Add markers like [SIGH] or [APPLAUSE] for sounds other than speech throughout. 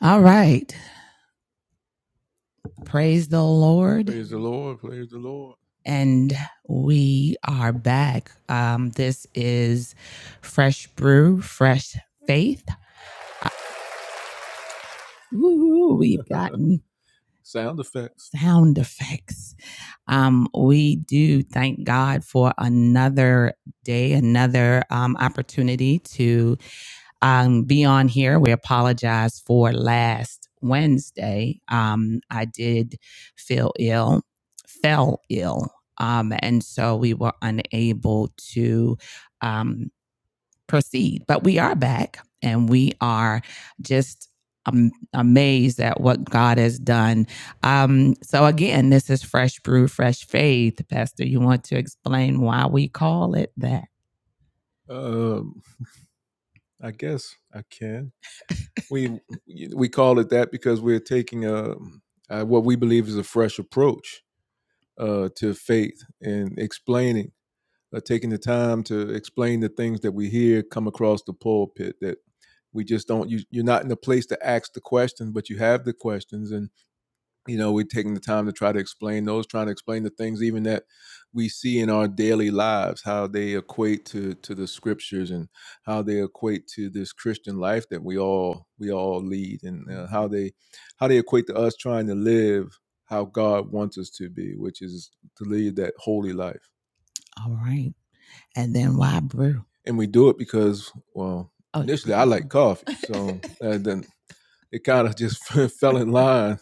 All right. Praise the Lord. Praise the Lord. Praise the Lord. And we are back. Um, this is Fresh Brew, Fresh Faith. Woo, we've gotten [LAUGHS] Sound effects. sound effects. Um, we do thank God for another day, another um, opportunity to um, be on here. We apologize for last Wednesday. Um, I did feel ill, fell ill, um, and so we were unable to um, proceed. But we are back, and we are just am- amazed at what God has done. Um, so again, this is Fresh Brew, Fresh Faith, Pastor. You want to explain why we call it that? Um, I guess I can we we call it that because we're taking a, uh what we believe is a fresh approach uh, to faith and explaining, uh, taking the time to explain the things that we hear come across the pulpit that we just don't. You, you're not in a place to ask the questions, but you have the questions, and you know we're taking the time to try to explain those trying to explain the things even that we see in our daily lives how they equate to to the scriptures and how they equate to this christian life that we all we all lead and uh, how they how they equate to us trying to live how god wants us to be which is to lead that holy life All right. And then why brew? and we do it because well Oh, initially i like coffee so [LAUGHS] uh, then it kind of just [LAUGHS] fell in line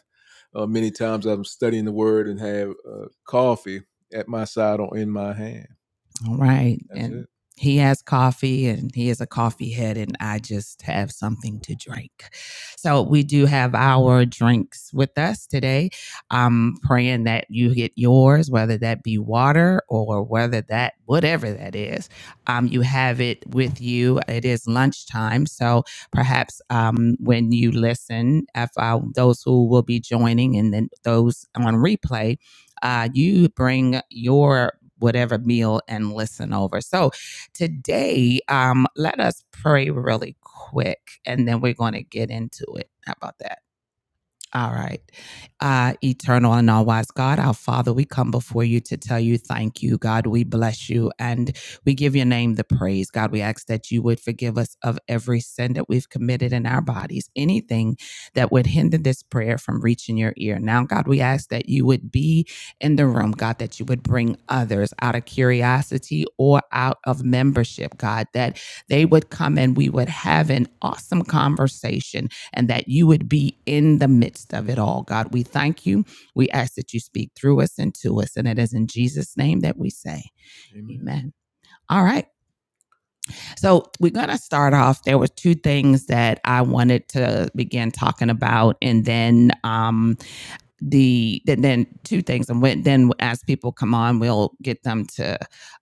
uh, many times I'm studying the word and have uh, coffee at my side or in my hand. All right. That's And it. he has coffee and he is a coffee head, and I just have something to drink. So we do have our drinks with us today. I'm praying that you get yours, whether that be water or whether that, whatever that is, um, you have it with you. It is lunchtime. So perhaps um, when you listen, if uh, those who will be joining and then those on replay, uh, you bring your whatever meal and listen over. So today, um, let us pray really quick and then we're going to get into it. How about that? All right. Uh, eternal and all wise God, our Father, we come before you to tell you thank you, God. We bless you and we give your name the praise. God, we ask that you would forgive us of every sin that we've committed in our bodies, anything that would hinder this prayer from reaching your ear. Now, God, we ask that you would be in the room, God, that you would bring others out of curiosity or out of membership, God, that they would come and we would have an awesome conversation and that you would be in the midst of it all. God, we thank you. We ask that you speak through us and to us. And it is in Jesus' name that we say, Amen. Amen. All right. So we're going to start off. There were two things that I wanted to begin talking about. And then, um, the then, then two things and when, then as people come on we'll get them to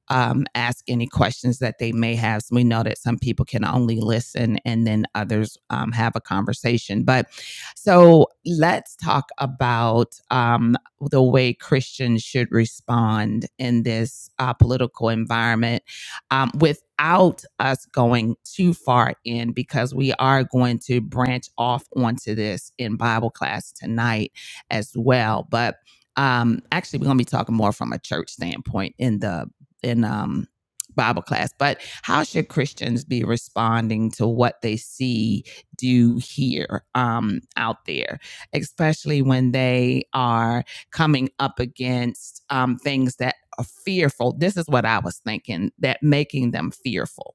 um, ask any questions that they may have so we know that some people can only listen and then others um, have a conversation but so let's talk about um, the way christians should respond in this uh, political environment um, without us going too far in because we are going to branch off onto this in bible class tonight as well. But um, actually, we're going to be talking more from a church standpoint in the in um, Bible class. But how should Christians be responding to what they see, do, hear um, out there, especially when they are coming up against um, things that are fearful? This is what I was thinking that making them fearful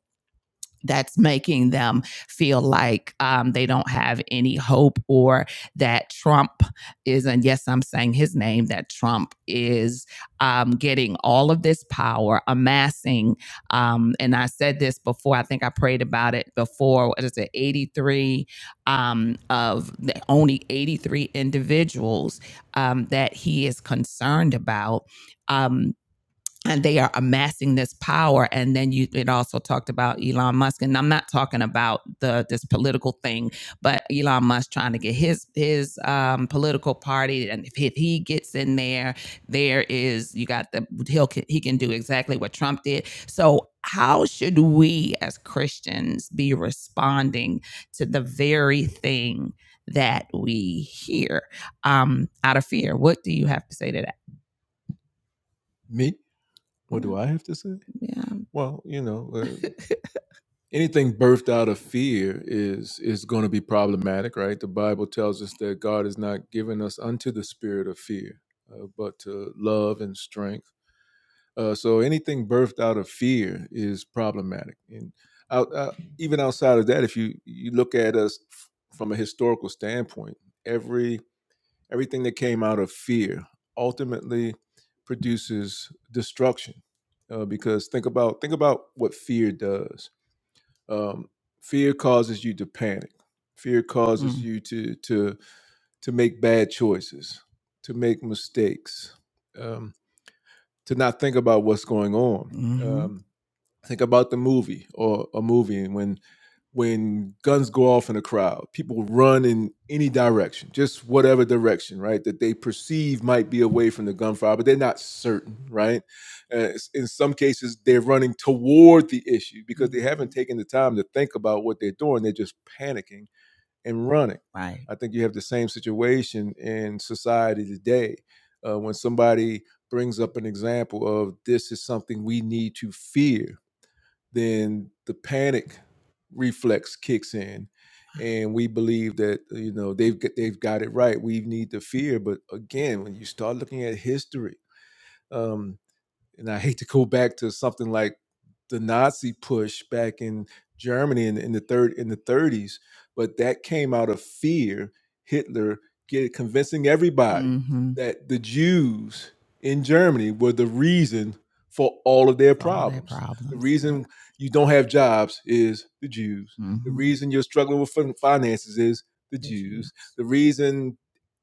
that's making them feel like um, they don't have any hope or that Trump is, and yes, I'm saying his name, that Trump is um, getting all of this power, amassing. Um, and I said this before, I think I prayed about it before. What is it, 83 um, of the only 83 individuals um, that he is concerned about? Um, and they are amassing this power and then you it also talked about Elon Musk and I'm not talking about the this political thing but Elon Musk trying to get his his um, political party and if he, if he gets in there there is you got the he'll he can do exactly what Trump did so how should we as Christians be responding to the very thing that we hear um, out of fear what do you have to say to that Me? What do I have to say? Yeah. Well, you know, uh, [LAUGHS] anything birthed out of fear is is going to be problematic, right? The Bible tells us that God has not given us unto the spirit of fear, uh, but to love and strength. Uh, so anything birthed out of fear is problematic, and out, out, even outside of that, if you you look at us f- from a historical standpoint, every Everything that came out of fear ultimately produces destruction. Uh, because think about think about what fear does. Um, fear causes you to panic. Fear causes Mm. you to to to make bad choices, to make mistakes, um, to not think about what's going on. Mhm. Um, Think about the movie or a movie and when when guns go off in a crowd, people run in any direction, just whatever direction, right? That they perceive might be away from the gunfire, but they're not certain, right? Uh, in some cases, they're running toward the issue because they haven't taken the time to think about what they're doing. They're just panicking and running. Right. I think you have the same situation in society today uh, when somebody brings up an example of this is something we need to fear then the panic reflex kicks in and we believe that you know they've they've got it right we need to fear but again when you start looking at history um, and I hate to go back to something like the Nazi push back in Germany in, in the third in the 30s, but that came out of fear. Hitler get convincing everybody Mm-hmm. that the Jews in Germany were the reason for all of their All their problems. The problems. Yeah. reason you don't have jobs is the Jews. The Mm-hmm. reason you're struggling with fin- finances is the The Jews. Jews. The reason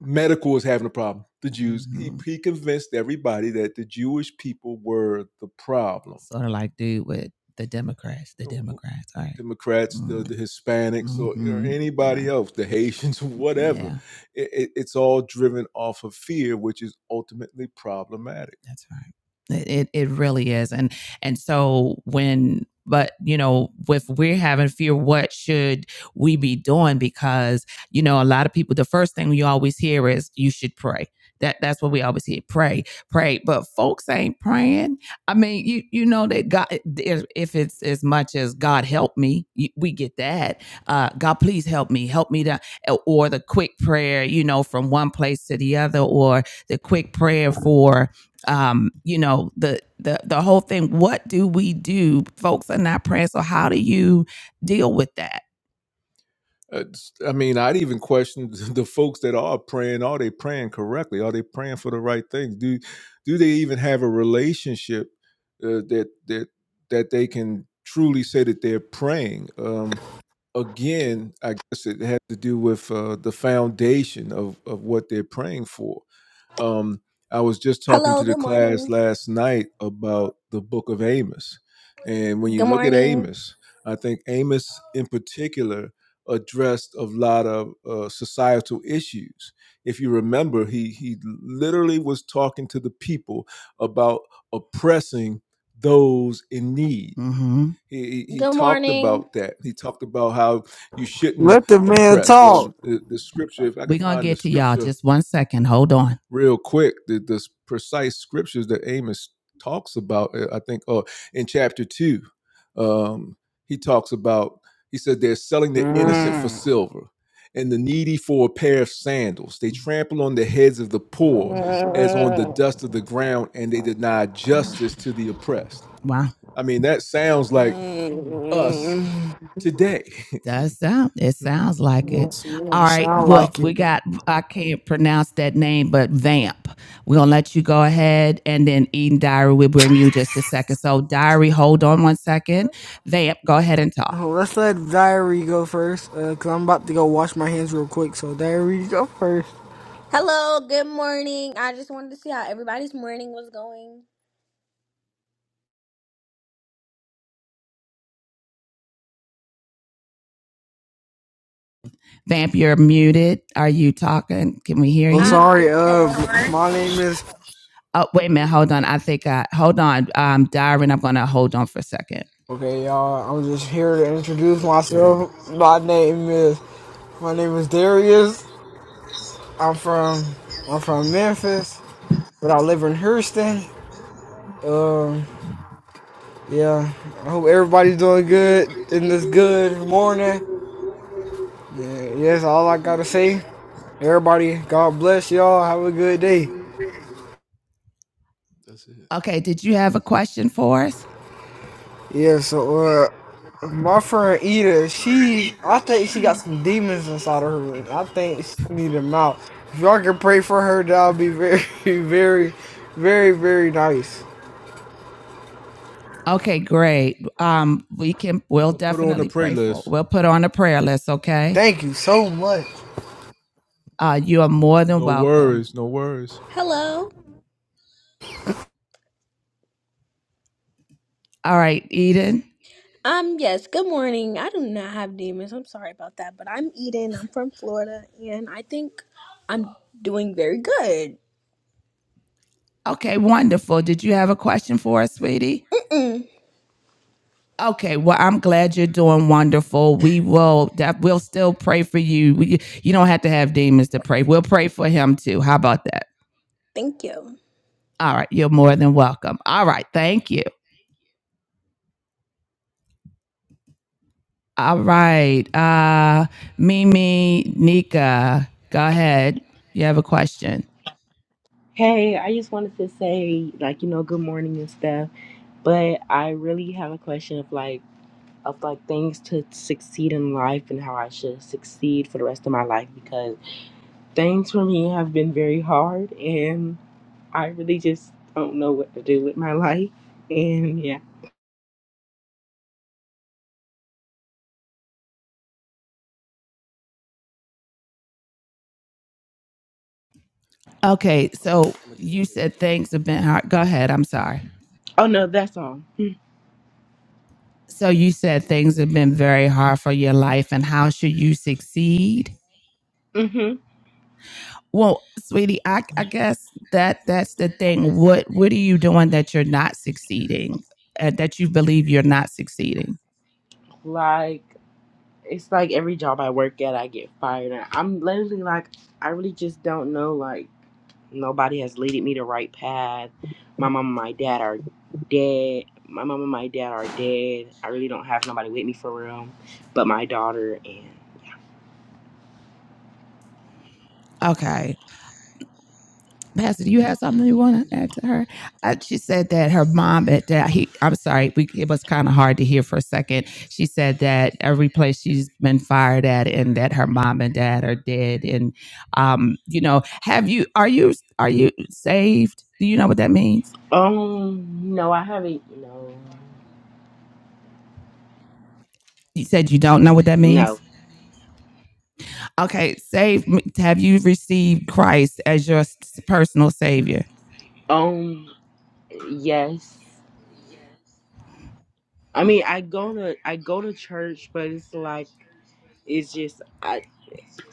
medical was having a problem. The Jews. mm-hmm. He, he convinced everybody that the Jewish people were the problem. Sort of like dude with the Democrats, the Democrats. All right. Democrats, mm-hmm. the, Mm, the Hispanics, or, or mhm, anybody Yeah. else, the Haitians, [LAUGHS] whatever. Yeah. It, it, it's all driven off of fear, which is ultimately problematic. That's right. It, it it really is. And and so when but you know, if we're having fear, what should we be doing? Because you know, a lot of people, the first thing you always hear is you should pray. That that's what we always hear. Pray, pray. But folks ain't praying. I mean, you you know that God if it's as much as God help me, we get that. Uh God please help me, help me to or the quick prayer, you know, from one place to the other, or the quick prayer for um, you know, the the the whole thing. What do we do? Folks are not praying. So how do you deal with that? It's- I mean, I'd even question [LAUGHS] the folks that are praying. Are they praying correctly? Are they praying for the right things? Do do they even have a relationship uh, that that that they can truly say that they're praying? Um, again, I guess it had to do with uh, the foundation of of what they're praying for. Um, I was just talking to Hello, the good class morning. last night about the book of Amos, and when you Good look at morning. Amos, I think Amos in particular addressed a lot of uh, societal issues. If you remember, he he literally was talking to the people about oppressing those in need he, he Good talked morning. about that. He talked about how you shouldn't Let the man oppress. talk. Um, the, the scripture, if I We're gonna get to y'all. Just one second. Hold on. real quick, the, the precise scriptures that Amos talks about, uh, I think, oh, in chapter two, um, he talks about, he said, they're selling the innocent for Mm. silver and the needy for a pair of sandals. They trample on the heads of the poor as on the dust of the ground, and they deny justice to the oppressed. Wow. I mean, that sounds like us Mm. today. [LAUGHS] That sound it sounds like it. Yes, yeah, All right. sound Well, like it. we got I can't pronounce that name, but Vamp. We're gonna let you go ahead and then Eden Diary, we will bring you just a second. So Diary, hold on one second. Vamp, go ahead and talk. Oh, Let's let Diary go first, uh, cause I'm about to go wash my hands real quick. So Diary, you go first. Hello, good morning. I just wanted to see how everybody's morning was going. Vamp, you're muted. Are you talking? Can we hear Oh, you? Um, sorry. yes, Uh, hello. my name is. Oh, wait a minute. Hold on. I think I, hold on. Um, Darren, I'm going to hold on for a second. Okay, y'all. I'm just here to introduce myself. My name is. My name is Darius. I'm from. I'm from Memphis, but I live in Houston. Um. Yeah, I hope everybody's doing good in this good morning. Yeah, yes, all I gotta say, everybody, God bless y'all. Have a good day. That's it. Okay. Did you have a question for us? Yeah, so uh, my friend Ida, she, I think she got some demons inside of her. and I think she need them out. If y'all can pray for her, that'll be very, [LAUGHS] very, very, very nice. Okay, great. Um, we can. We'll we'll definitely Put on the prayer pray list. We'll put on a prayer list. Okay. Thank you so much. Uh, you are more than No welcome. No worries, no worries. Hello. All right, Eden. Um, yes, good morning. I do not have demons. I'm sorry about that, but I'm Eden. I'm from Florida, and I think I'm doing very good. Okay, wonderful. Did you have a question for us, sweetie? [CLEARS THROAT] Okay, well, I'm glad you're doing wonderful. We will that we'll still pray for you. We, you don't have to have demons to pray. We'll pray for him too. How about that? Thank you. All right, you're more than welcome. All right, thank you. All right. Uh, Mimi, Nika, go ahead. You have a question. Hey, I just wanted to say, like, you know, good morning and stuff. But I really have a question of like, of like things to succeed in life and how I should succeed for the rest of my life because things for me have been very hard and I really just don't know what to do with my life. And yeah. Okay. So you said things have been hard. Go ahead. I'm sorry. Oh no, that's all. So you said things have been very hard for your life, and how should you succeed? hmm Well, sweetie, I I guess that that's the thing. What what are you doing that you're not succeeding? Uh, that you believe you're not succeeding? Like, it's like every job I work at, I get fired. And I'm literally like, I really just don't know, like. Nobody has leaded me the right path. My mom and my dad are dead. My mom and my dad are dead. I really don't have nobody with me for real, but my daughter and Okay. Pastor, do you have something you want to add to her? Uh, she said that her mom at that he. I'm sorry, we, it was kind of hard to hear for a second. She said that every place she's been fired at, and that her mom and dad are dead. And um, you know, have you? Are you? Are you saved? Do you know what that means? um no, I haven't. No, You said you don't know what that means. no. Okay, saved. me- Have you received Christ as your s- personal savior? Um, yes. I mean, I go to I go to church, but it's like it's just I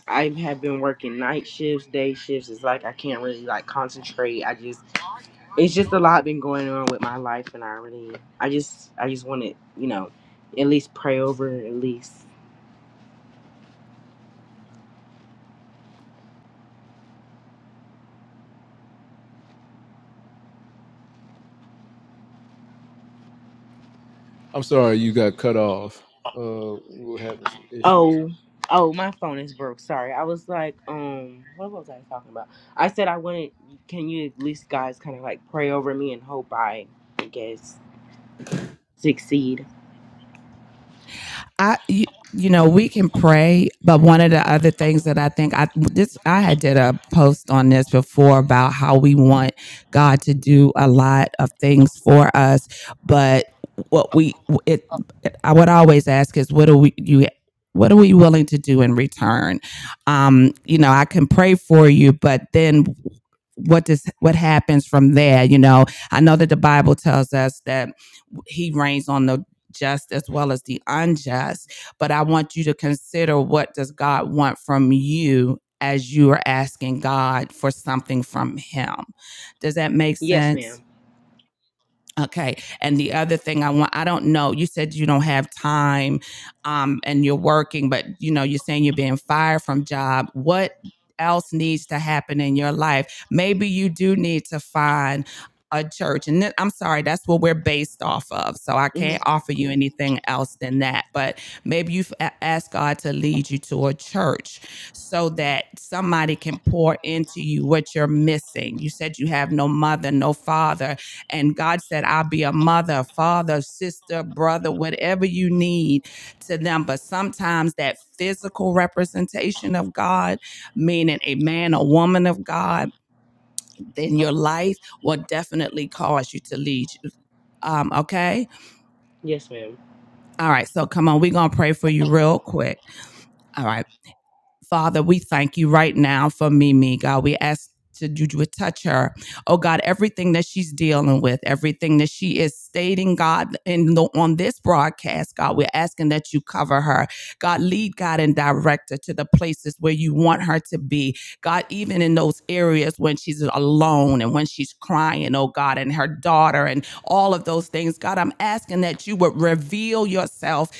I have been working night shifts, day shifts. It's like I can't really like concentrate. I just it's just a lot been going on with my life and I really I just I just want to, you know, at least pray over it, at least I'm sorry you got cut off. Uh, we were having some issues. Oh, oh, my phone is broke. Sorry. I was like, um, what was I talking about? I said I wanted can you at least guys kind of like pray over me and hope I I guess succeed. I you, you know we can pray, but one of the other things that I think I this I had did a post on this before about how we want God to do a lot of things for us, but what we it I would always ask is what do we you what are we willing to do in return? Um, you know, I can pray for you, but then what does what happens from there? You know, I know that the Bible tells us that he reigns on the just as well as the unjust but i want you to consider what does god want from you as you are asking god for something from him does that make Yes, sense madam Okay. And the other thing I want, I don't know, you said you don't have time um, and you're working, but you know, you're saying you're being fired from job. What else needs to happen in your life? Maybe you do need to find a church. And then, I'm sorry, that's what we're based off of. So I hmm can't offer you anything else than that. But maybe you've a- God to lead you to a church so that somebody can pour into you what you're missing. You said you have no mother, no father and God said, I'll be a mother, father, sister, brother, whatever you need to them. But sometimes that physical representation of God, meaning a man, a woman of God, then your life will definitely cause you to lead. you. Um, okay. Yes, ma'am. All right. So come on, we're going to pray for you real quick. All right. Father, we thank you right now for Mimi, God. We ask to you would touch her. Oh God, everything that she's dealing with, everything that she is stating, God, in the, on this broadcast, God, we're asking that you cover her. God, lead God and direct her to the places where you want her to be. God, even in those areas when she's alone and when she's crying, oh God, and her daughter and all of those things. God, I'm asking that you would reveal yourself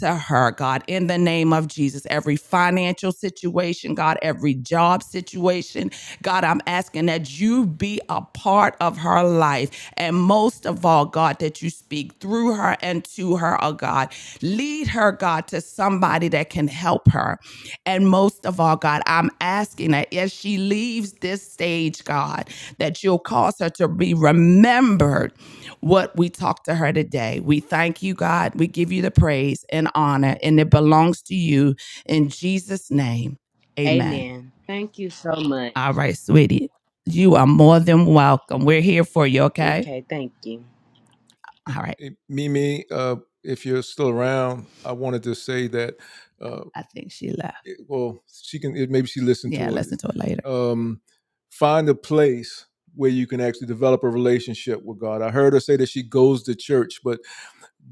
to her, God, in the name of Jesus. Every financial situation, God, every job situation, God, I'm asking that you be a part of her life. And most of all, God, that you speak through her and to her, oh God. Lead her, God, to somebody that can help her. And most of all, God, I'm asking that as she leaves this stage, God, that you'll cause her to be remembered what we talked to her today. We thank you, God. We give you the praise and honor, and it belongs to you in Jesus' name. Amen. Amen. Thank you so much. All right, sweetie. You are more than welcome. We're here for you, okay? Okay, thank you. All right. Eh, Mimi, uh, if you're still around, I wanted to say that. Uh, I think she left. it- well, she can eh, maybe she listened to Yeah, it. listen to it later. Um, find a place where you can actually develop a relationship with God. I heard her say that she goes to church, but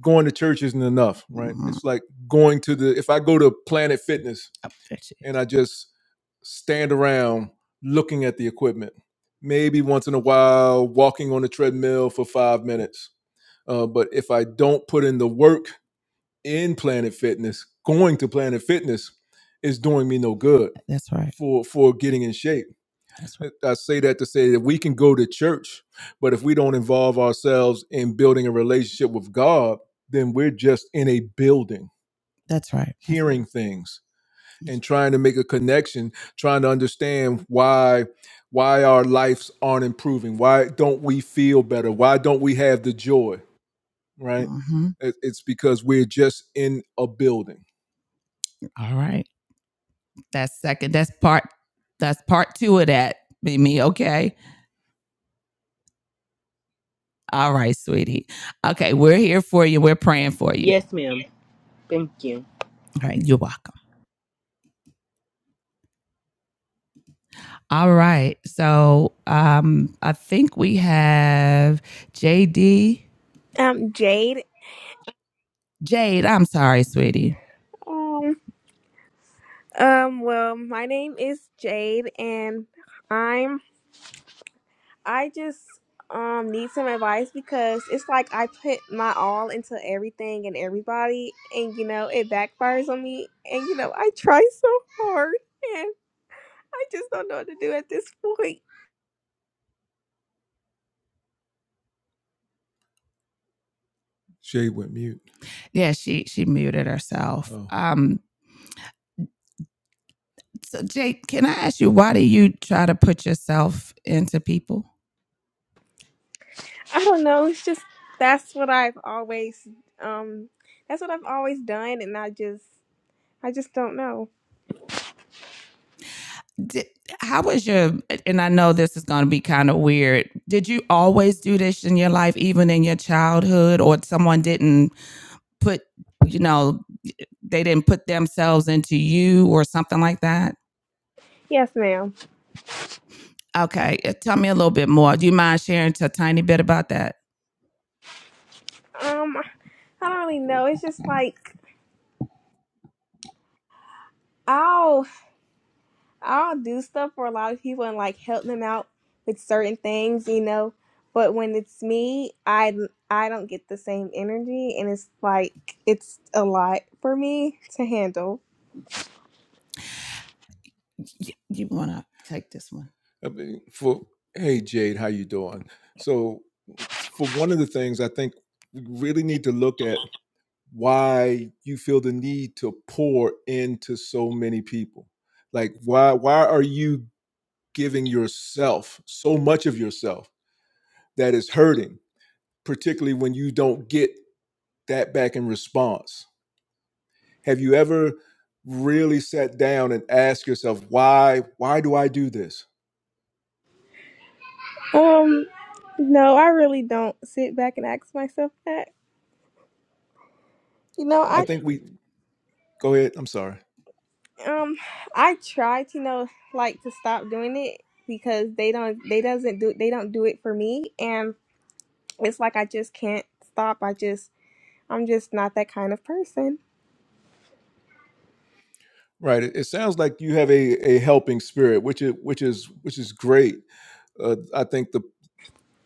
going to church isn't enough, right? Mhm. It's like going to the. If I go to Planet Fitness Up there she and I just stand around looking at the equipment, maybe once in a while walking on the treadmill for five minutes uh, but if I don't put in the work in Planet Fitness, going to Planet Fitness is doing me no good That's right. for for getting in shape. That's right. I say that to say that we can go to church, but if we don't involve ourselves in building a relationship with God, then we're just in a building That's right. That's right. hearing things and trying to make a connection trying to understand why why our lives aren't improving why don't we feel better why don't we have the joy right? hmm It's because we're just in a building. All right. That's second. That's part. That's part two of that. Be me, okay? All right, sweetie. Okay, we're here for you. We're praying for you. Yes, ma'am. Thank you. All right, you're welcome. All right. So um I think we have JD. Um, Jade. Jade, I'm sorry, sweetie. Um, um, well, my name is Jade, and I'm I just um need some advice because it's like I put my all into everything and everybody, and you know it backfires on me, and you know I try so hard, and I just don't know what to do at this point. Shay went mute. Yeah, she she muted herself. Oh. Um, So, Jake, can I ask you, why do you try to put yourself into people? I don't know. It's just that's what I've always um that's what I've always done, and I just I just don't know. Did, how was your, and I know this is going to be kind of weird. Did you always do this in your life, even in your childhood, or someone didn't put, you know, they didn't put themselves into you or something like that? Yes, ma'am. Okay, uh, tell me a little bit more. Do you mind sharing a tiny bit about that? Um, I don't really know. It's just like I'll I'll do stuff for a lot of people and like help them out with certain things, you know. But when it's me, I I don't get the same energy, and it's like it's a lot for me to handle. Y- You want to take this one? I mean, for hey Jade, how you doing? So, for one of the things I think we really need to look at why you feel the need to pour into so many people like why why are you giving yourself so much of yourself that is hurting particularly when you don't get that back in response have you ever really sat down and asked yourself why why do i do this Um, no, I really don't sit back and ask myself that. You know, i I think we go ahead i'm sorry um I try to you know like to stop doing it because they don't they doesn't do they don't do it for me, and it's like I just can't stop. I just I'm just not that kind of person. right it, it sounds like you have a, a helping spirit which is which is which is great uh, i think the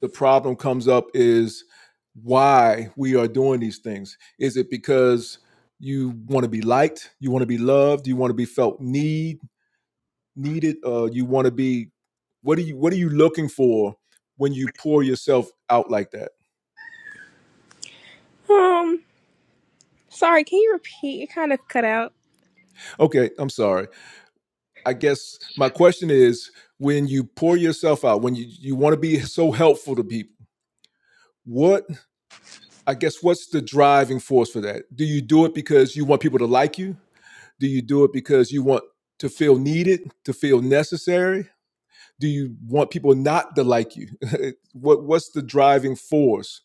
the problem comes up is why we are doing these things. Is it because you want to be liked, you want to be loved, you want to be felt need needed, uh, you want to be what are you what are you looking for when you pour yourself out like that? Um, sorry, can you repeat? It kind of cut out. Okay, I'm sorry. I guess my question is when you pour yourself out, when you, you want to be so helpful to people, what I guess what's the driving force for that? Do you do it because you want people to like you? Do you do it because you want to feel needed, to feel necessary? Do you want people not to like you? [LAUGHS] what what's the driving force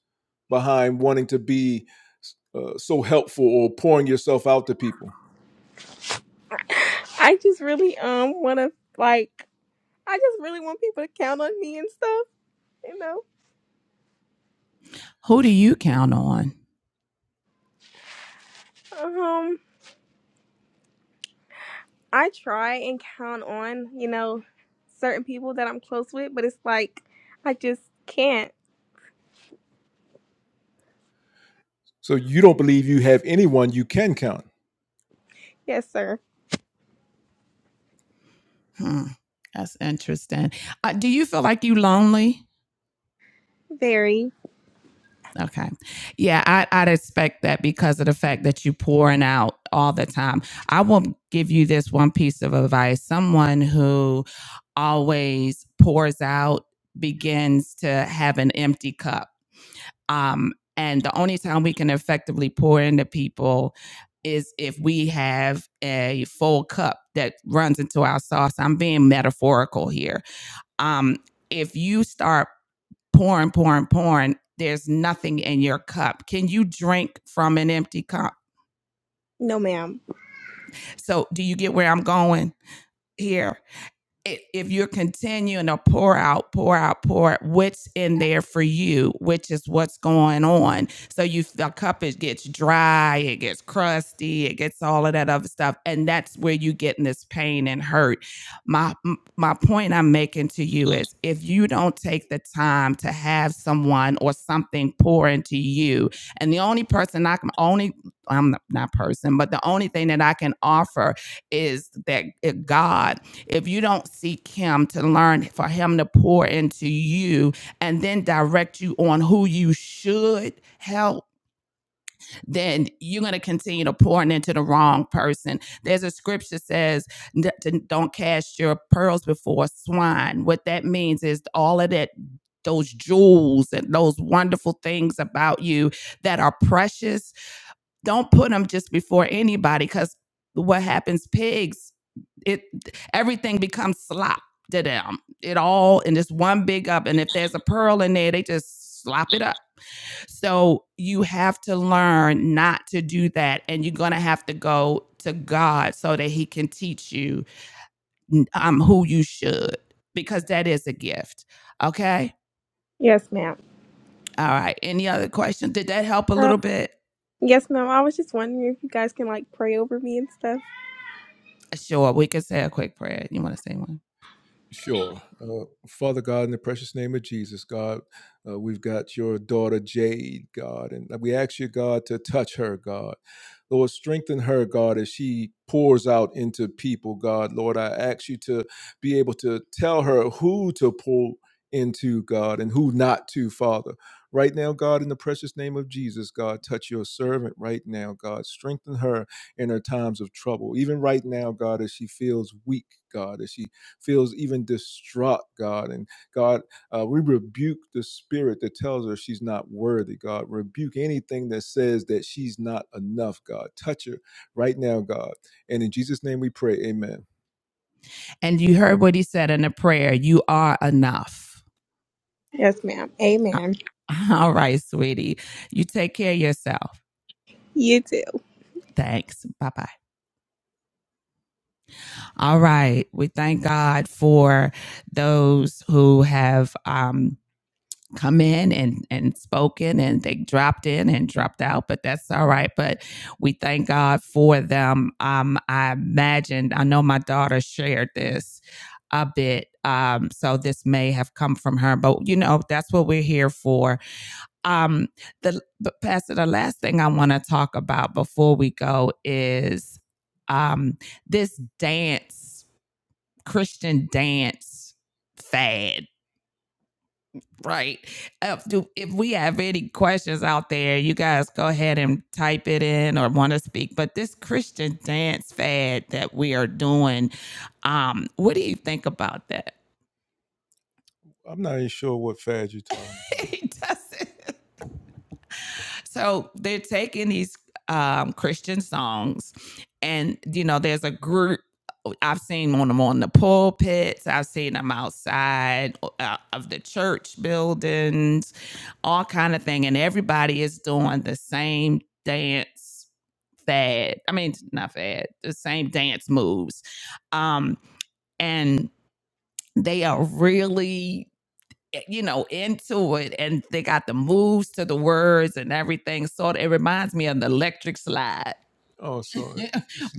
behind wanting to be uh, so helpful or pouring yourself out to people? I just really um want to like I just really want people to count on me and stuff, you know. Who do you count on? Um, I try and count on, you know, certain people that I'm close with, but it's like I just can't. So you don't believe you have anyone you can count. Yes, sir. Hmm, that's interesting. Uh, do you feel like you lonely? Very. Okay. Yeah, I, I'd expect that because of the fact that you pouring out all the time. I will give you this one piece of advice. Someone who always pours out begins to have an empty cup. Um, and the only time we can effectively pour into people is if we have a full cup that runs into our sauce. I'm being metaphorical here. Um, if you start pouring, pouring, pouring. There's nothing in your cup. Can you drink from an empty cup? No, ma'am. So, do you get where I'm going here? if you're continuing to pour out, pour out, pour out, what's in there for you, which is what's going on. So you the cup it gets dry, it gets crusty, it gets all of that other stuff, and that's where you get in this pain and hurt. My my point I'm making to you is if you don't take the time to have someone or something pour into you, and the only person I can only I'm not person, but the only thing that I can offer is that uh, God if you don't seek him to learn for him to pour into you and then direct you on who you should help then you're going to continue to pour into the wrong person there's a scripture says don't cast your pearls before swine what that means is all of that those jewels and those wonderful things about you that are precious don't put them just before anybody because what happens, pigs, it everything becomes slop to them. It all in this one big up. And if there's a pearl in there, they just slop it up. So you have to learn not to do that. And you're going to have to go to God so that He can teach you um, who you should, because that is a gift. Okay. Yes, ma'am. All right. Any other questions? Did that help a Um, little bit? yes, ma'am. I was just wondering if you guys can like pray over me and stuff. Sure. We could say a quick prayer. You want to say one? Sure. Uh, Father God, in the precious name of Jesus, God, uh, we've got your daughter Jade, God, and we ask you, God, to touch her, God. Lord, strengthen her, God, as she pours out into people, God. Lord, I ask you to be able to tell her who to pour into, God, and who not to, Father. Right now, God, in the precious name of Jesus, God, touch your servant right now, God. Strengthen her in her times of trouble. Even right now, God, as she feels weak, God, as she feels even distraught, God. And God, uh, we rebuke the spirit that tells her she's not worthy, God. Rebuke anything that says that she's not enough, God. Touch her right now, God. And in Jesus' name we pray, amen. And you heard what he said in the prayer you are enough. Yes, ma'am. Uh, Amen. [LAUGHS] All right, sweetie. You take care of yourself. You too. Thanks. Bye bye. All right. We thank God for those who have. um, come in and and spoken and they dropped in and dropped out but that's all right but we thank god for them um i imagined i know my daughter shared this a bit um so this may have come from her but you know that's what we're here for um the but pastor the last thing i want to talk about before we go is um this dance christian dance fad Right. Uh, do, if we have any questions out there, you guys go ahead and type it in or want to speak. But this Christian dance fad that we are doing, um, what do you think about that? I'm not even sure what fad you're talking about. [LAUGHS] he doesn't. So they're taking these um, Christian songs, and you know, there's a group I've seen them on them on the pulpits. I've seen them outside uh, of the church buildings, all kind of thing. And everybody is doing the same dance fad. I mean, not fad, the same dance moves. Um, and they are really eh, you know, into it and they got the moves to the words and everything. So it reminds me of the electric slide. Oh, sorry, [LAUGHS]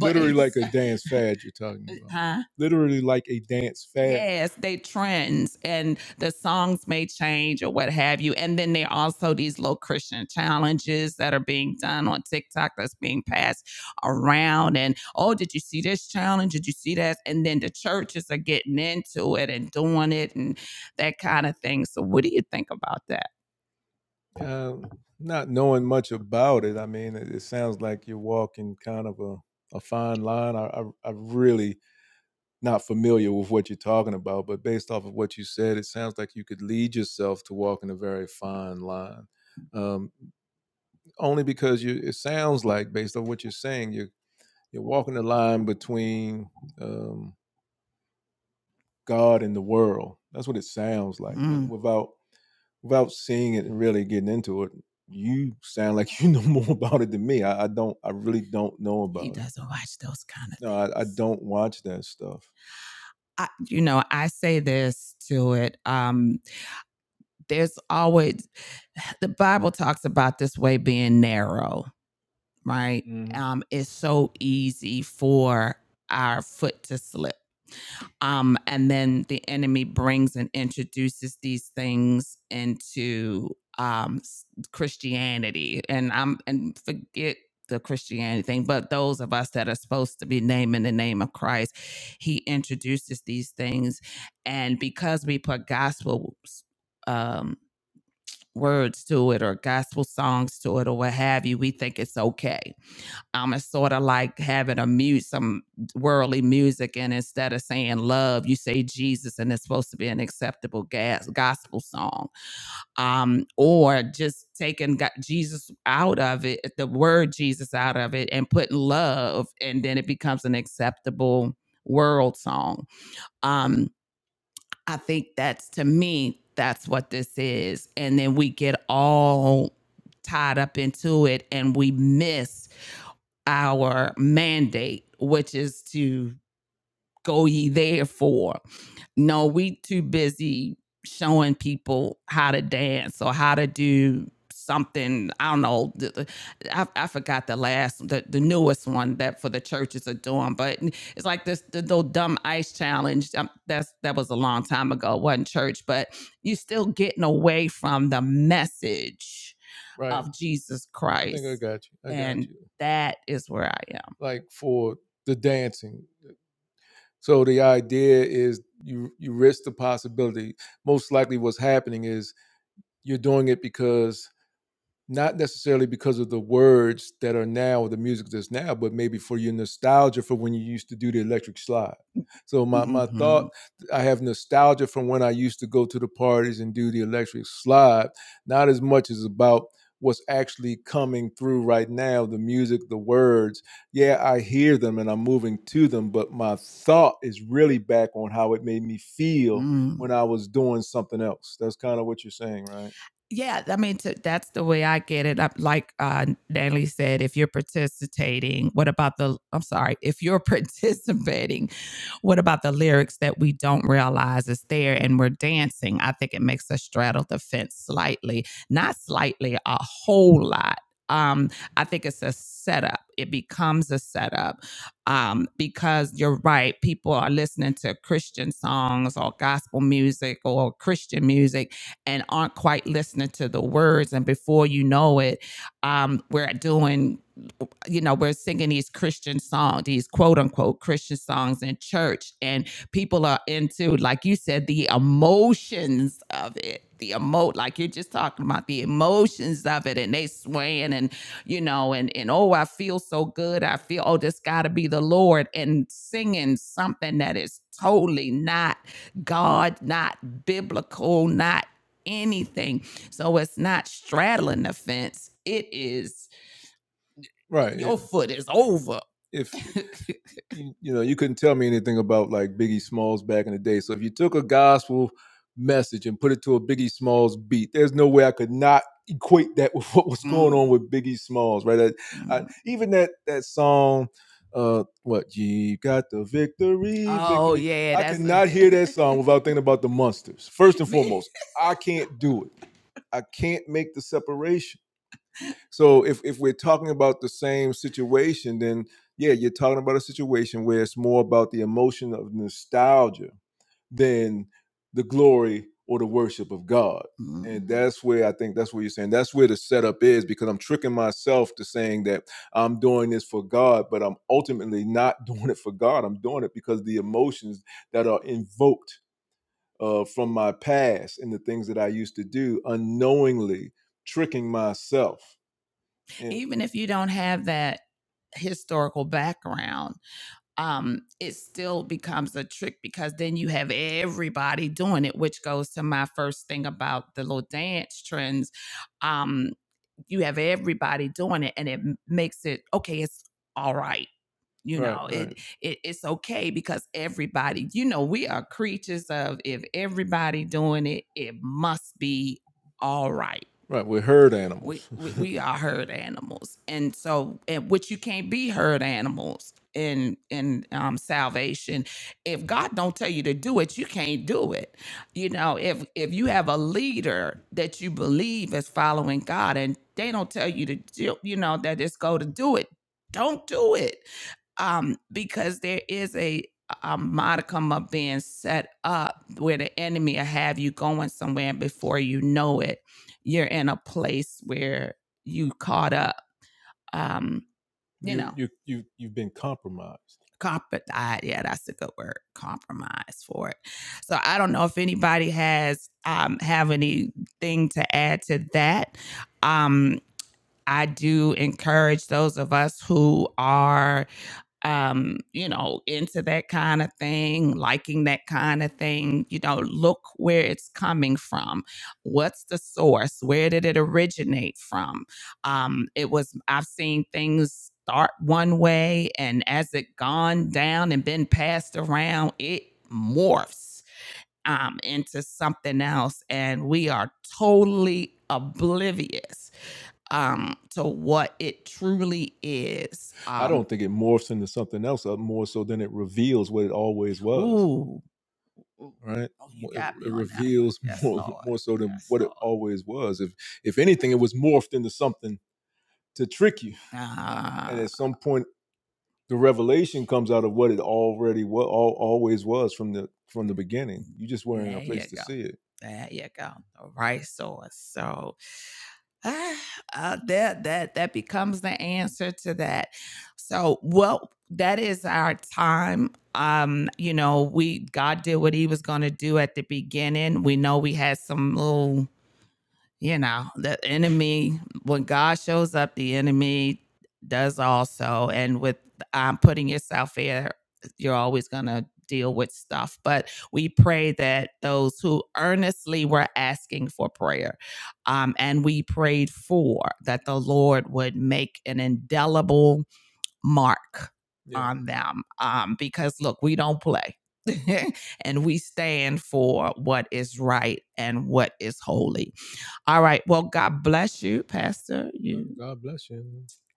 literally like a dance fad you're talking about. huh? Literally like a dance fad. Yes, they trends and the songs may change or what have you. And then there are also these little Christian challenges that are being done on TikTok that's being passed around. And oh, did you see this challenge? Did you see that? And then the churches are getting into it and doing it. and that kind of thing. So, what do you think about that? Um, not knowing much about it, I mean, it, it sounds like you're walking kind of a, a fine line. I, I, I'm really not familiar with what you're talking about, but based off of what you said, it sounds like you could lead yourself to walking a very fine line. Um, only because you, it sounds like, based on what you're saying, you're you're walking the line between um, God and the world. That's what it sounds like, Mm. without without seeing it and really getting into it, you sound like [LAUGHS] you know more about it than me. I, I don't. I really don't know about He about He doesn't watch those kind of No, I, I don't watch that stuff. I, you know, I say this to it. Um, there's always [SIGHS] the Bible talks about this way being narrow, right? Mhm. Um, it's so easy for our foot to slip. Um, and then the enemy brings and introduces these things into um, Christianity. And I'm and forget the Christianity thing, but those of us that are supposed to be naming the name of Christ, He introduces these things, and because we put gospel um, words to it or gospel songs to it or what have you, we think it's okay um, it's sort of like having a mute some worldly music, and instead of saying love, you say Jesus, and it's supposed to be an acceptable gas, gospel song. Um, or just taking go- Jesus out of it, the word Jesus out of it, and putting love, and then it becomes an acceptable world song. Um, I think that's to me, that's what this is, and then we get all tied up into it, and we miss our mandate, which is to go ye therefore. No, we too busy showing people how to dance or how to do something. I don't know. I, I forgot the last, the, the newest one that for the churches are doing, but it's like this the little dumb ice challenge. Um, that's that was a long time ago. It wasn't church, but you're still getting away from the message Right. of Jesus I think I Christ, got you. I got and you. that is where I am. Like for the dancing, so the idea is you you risk the possibility. Most likely, what's happening is you're doing it because not necessarily because of the words that are now or the music that's now, but maybe for your nostalgia for when you used to do the electric slide. So my mm-hmm. my hmm thought, I have nostalgia from when I used to go to the parties and do the electric slide. Not as much as about what's actually coming through right now, the music, the words. Yeah, I hear them and I'm moving to them, but my thought is really back on how it made me feel Mm. when I was doing something else. That's kind of what you're saying, right? Yeah, I mean, to, that's the way I get it. I, like uh, Natalie said, if you're participating, what about the? I'm sorry, if you're [LAUGHS] participating what about the lyrics that we don't realize is there and we're dancing? I think it makes us straddle the fence slightly, not slightly, a whole lot. Um, I think it's a setup. It becomes a setup um, because you're right. People are listening to Christian songs or gospel music or Christian music and aren't quite listening to the words. And before you know it, um, we're doing you know, we're singing these Christian songs, these quote unquote Christian songs in church, and people are into, like you said, the emotions of it. The emo like you're just talking about the emotions of it, and they swaying, and you know, and and oh, I feel so good. I feel oh, this got to be the Lord, and singing something that is totally not God, not biblical, not anything. So it's not straddling the fence. It is Right. Your yeah. foot is over. If [LAUGHS] you, you know, you couldn't tell me anything about like Biggie Smalls back in the day. So if you took a gospel message and put it to a Biggie Smalls beat, there's no way I could not equate that with what was mm. going Mm, on with Biggie Smalls, right? I, mm. I, even that that song, uh, what you got the victory, Oh victory. yeah, I that's I cannot a- [LAUGHS] hear that song [LAUGHS] without thinking about the monsters. First and foremost, [LAUGHS] I can't do it. I can't make the separation. So if if we're talking about the same situation, then yeah, you're talking about a situation where it's more about the emotion of nostalgia than the glory or the worship of God. Mm-hmm. And that's where I think that's what you're saying. That's where the setup is because I'm tricking myself to saying that I'm doing this for God, but I'm ultimately not [LAUGHS] doing it for God. I'm doing it because the emotions that are invoked uh, from my past and the things that I used to do unknowingly tricking myself yeah. even if you don't have that historical background um it still becomes a trick because then you have everybody doing it which goes to my first thing about the little dance trends um you have everybody doing it and it makes it okay it's all right you Right, know right. it, it it's okay because everybody you know we are creatures of if everybody doing it it must be all right Right. We're herd we, animals. we [LAUGHS] we we are herd animals and so and which you can't be herd animals in in um salvation if god don't tell you to do it you can't do it you know if if you have a leader that you believe is following god and they don't tell you to do you know that it's go to do it don't do it um, because there is a a modicum of being set up where the enemy will have you going somewhere and before you know it you're in a place where you caught up um you You know you you you've been compromised. Compromised, yeah that's a good word compromise for it so i don't know if anybody has um have anything to add to that um i do encourage those of us who are um, you know, into that kind of thing, liking that kind of thing, you know, look where it's coming from. What's the source? Where did it originate from? Um, it was, I've seen things start one way and as it gone down and been passed around, it morphs um, into something else. And we are totally oblivious um to what it truly is. Um, I Um don't think it morphs into something else uh, more so than it reveals what it always was, ooh, right? Oh, you Mo- It, me it on that reveals that. Yes, more, Lord. more so than Yes, what Lord. it always was. If if anything, it was morphed into something to trick you, Uh, and Ah, at some point, the revelation comes out of what it already was, all, always was from the from the beginning. You just weren't in a place to go. see it. There you go. The right source. So. Ah, uh, that that that becomes the answer to that. So, well, that is our time. Um, you know, we God did what He was going to do at the beginning. We know we had some little you know the enemy when god shows up the enemy does also and with um, putting yourself there you're always going to deal with stuff but we pray that those who earnestly were asking for prayer um, and we prayed for that the lord would make an indelible mark Yeah. on them um, because look we don't play [LAUGHS] and we stand for what is right and what is holy all right. Well, God bless you, Pastor. You God bless you.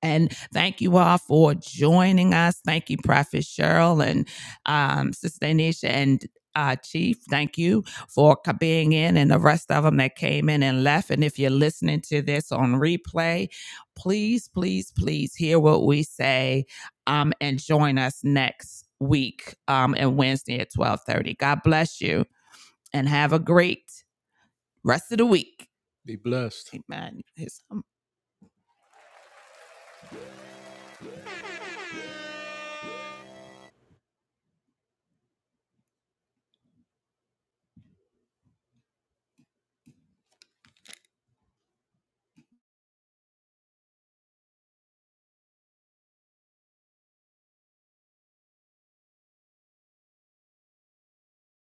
and thank you all for joining us. Thank you, Prophet Cheryl and um, Sister Anisha and uh, Chief. Thank you for co- being in and the rest of them that came in and left. And if you're listening to this on replay, please, please, please hear what we say um, and join us next week um, and Wednesday at 1230. God bless you and have a great Rest of the week. Be blessed. Amen. His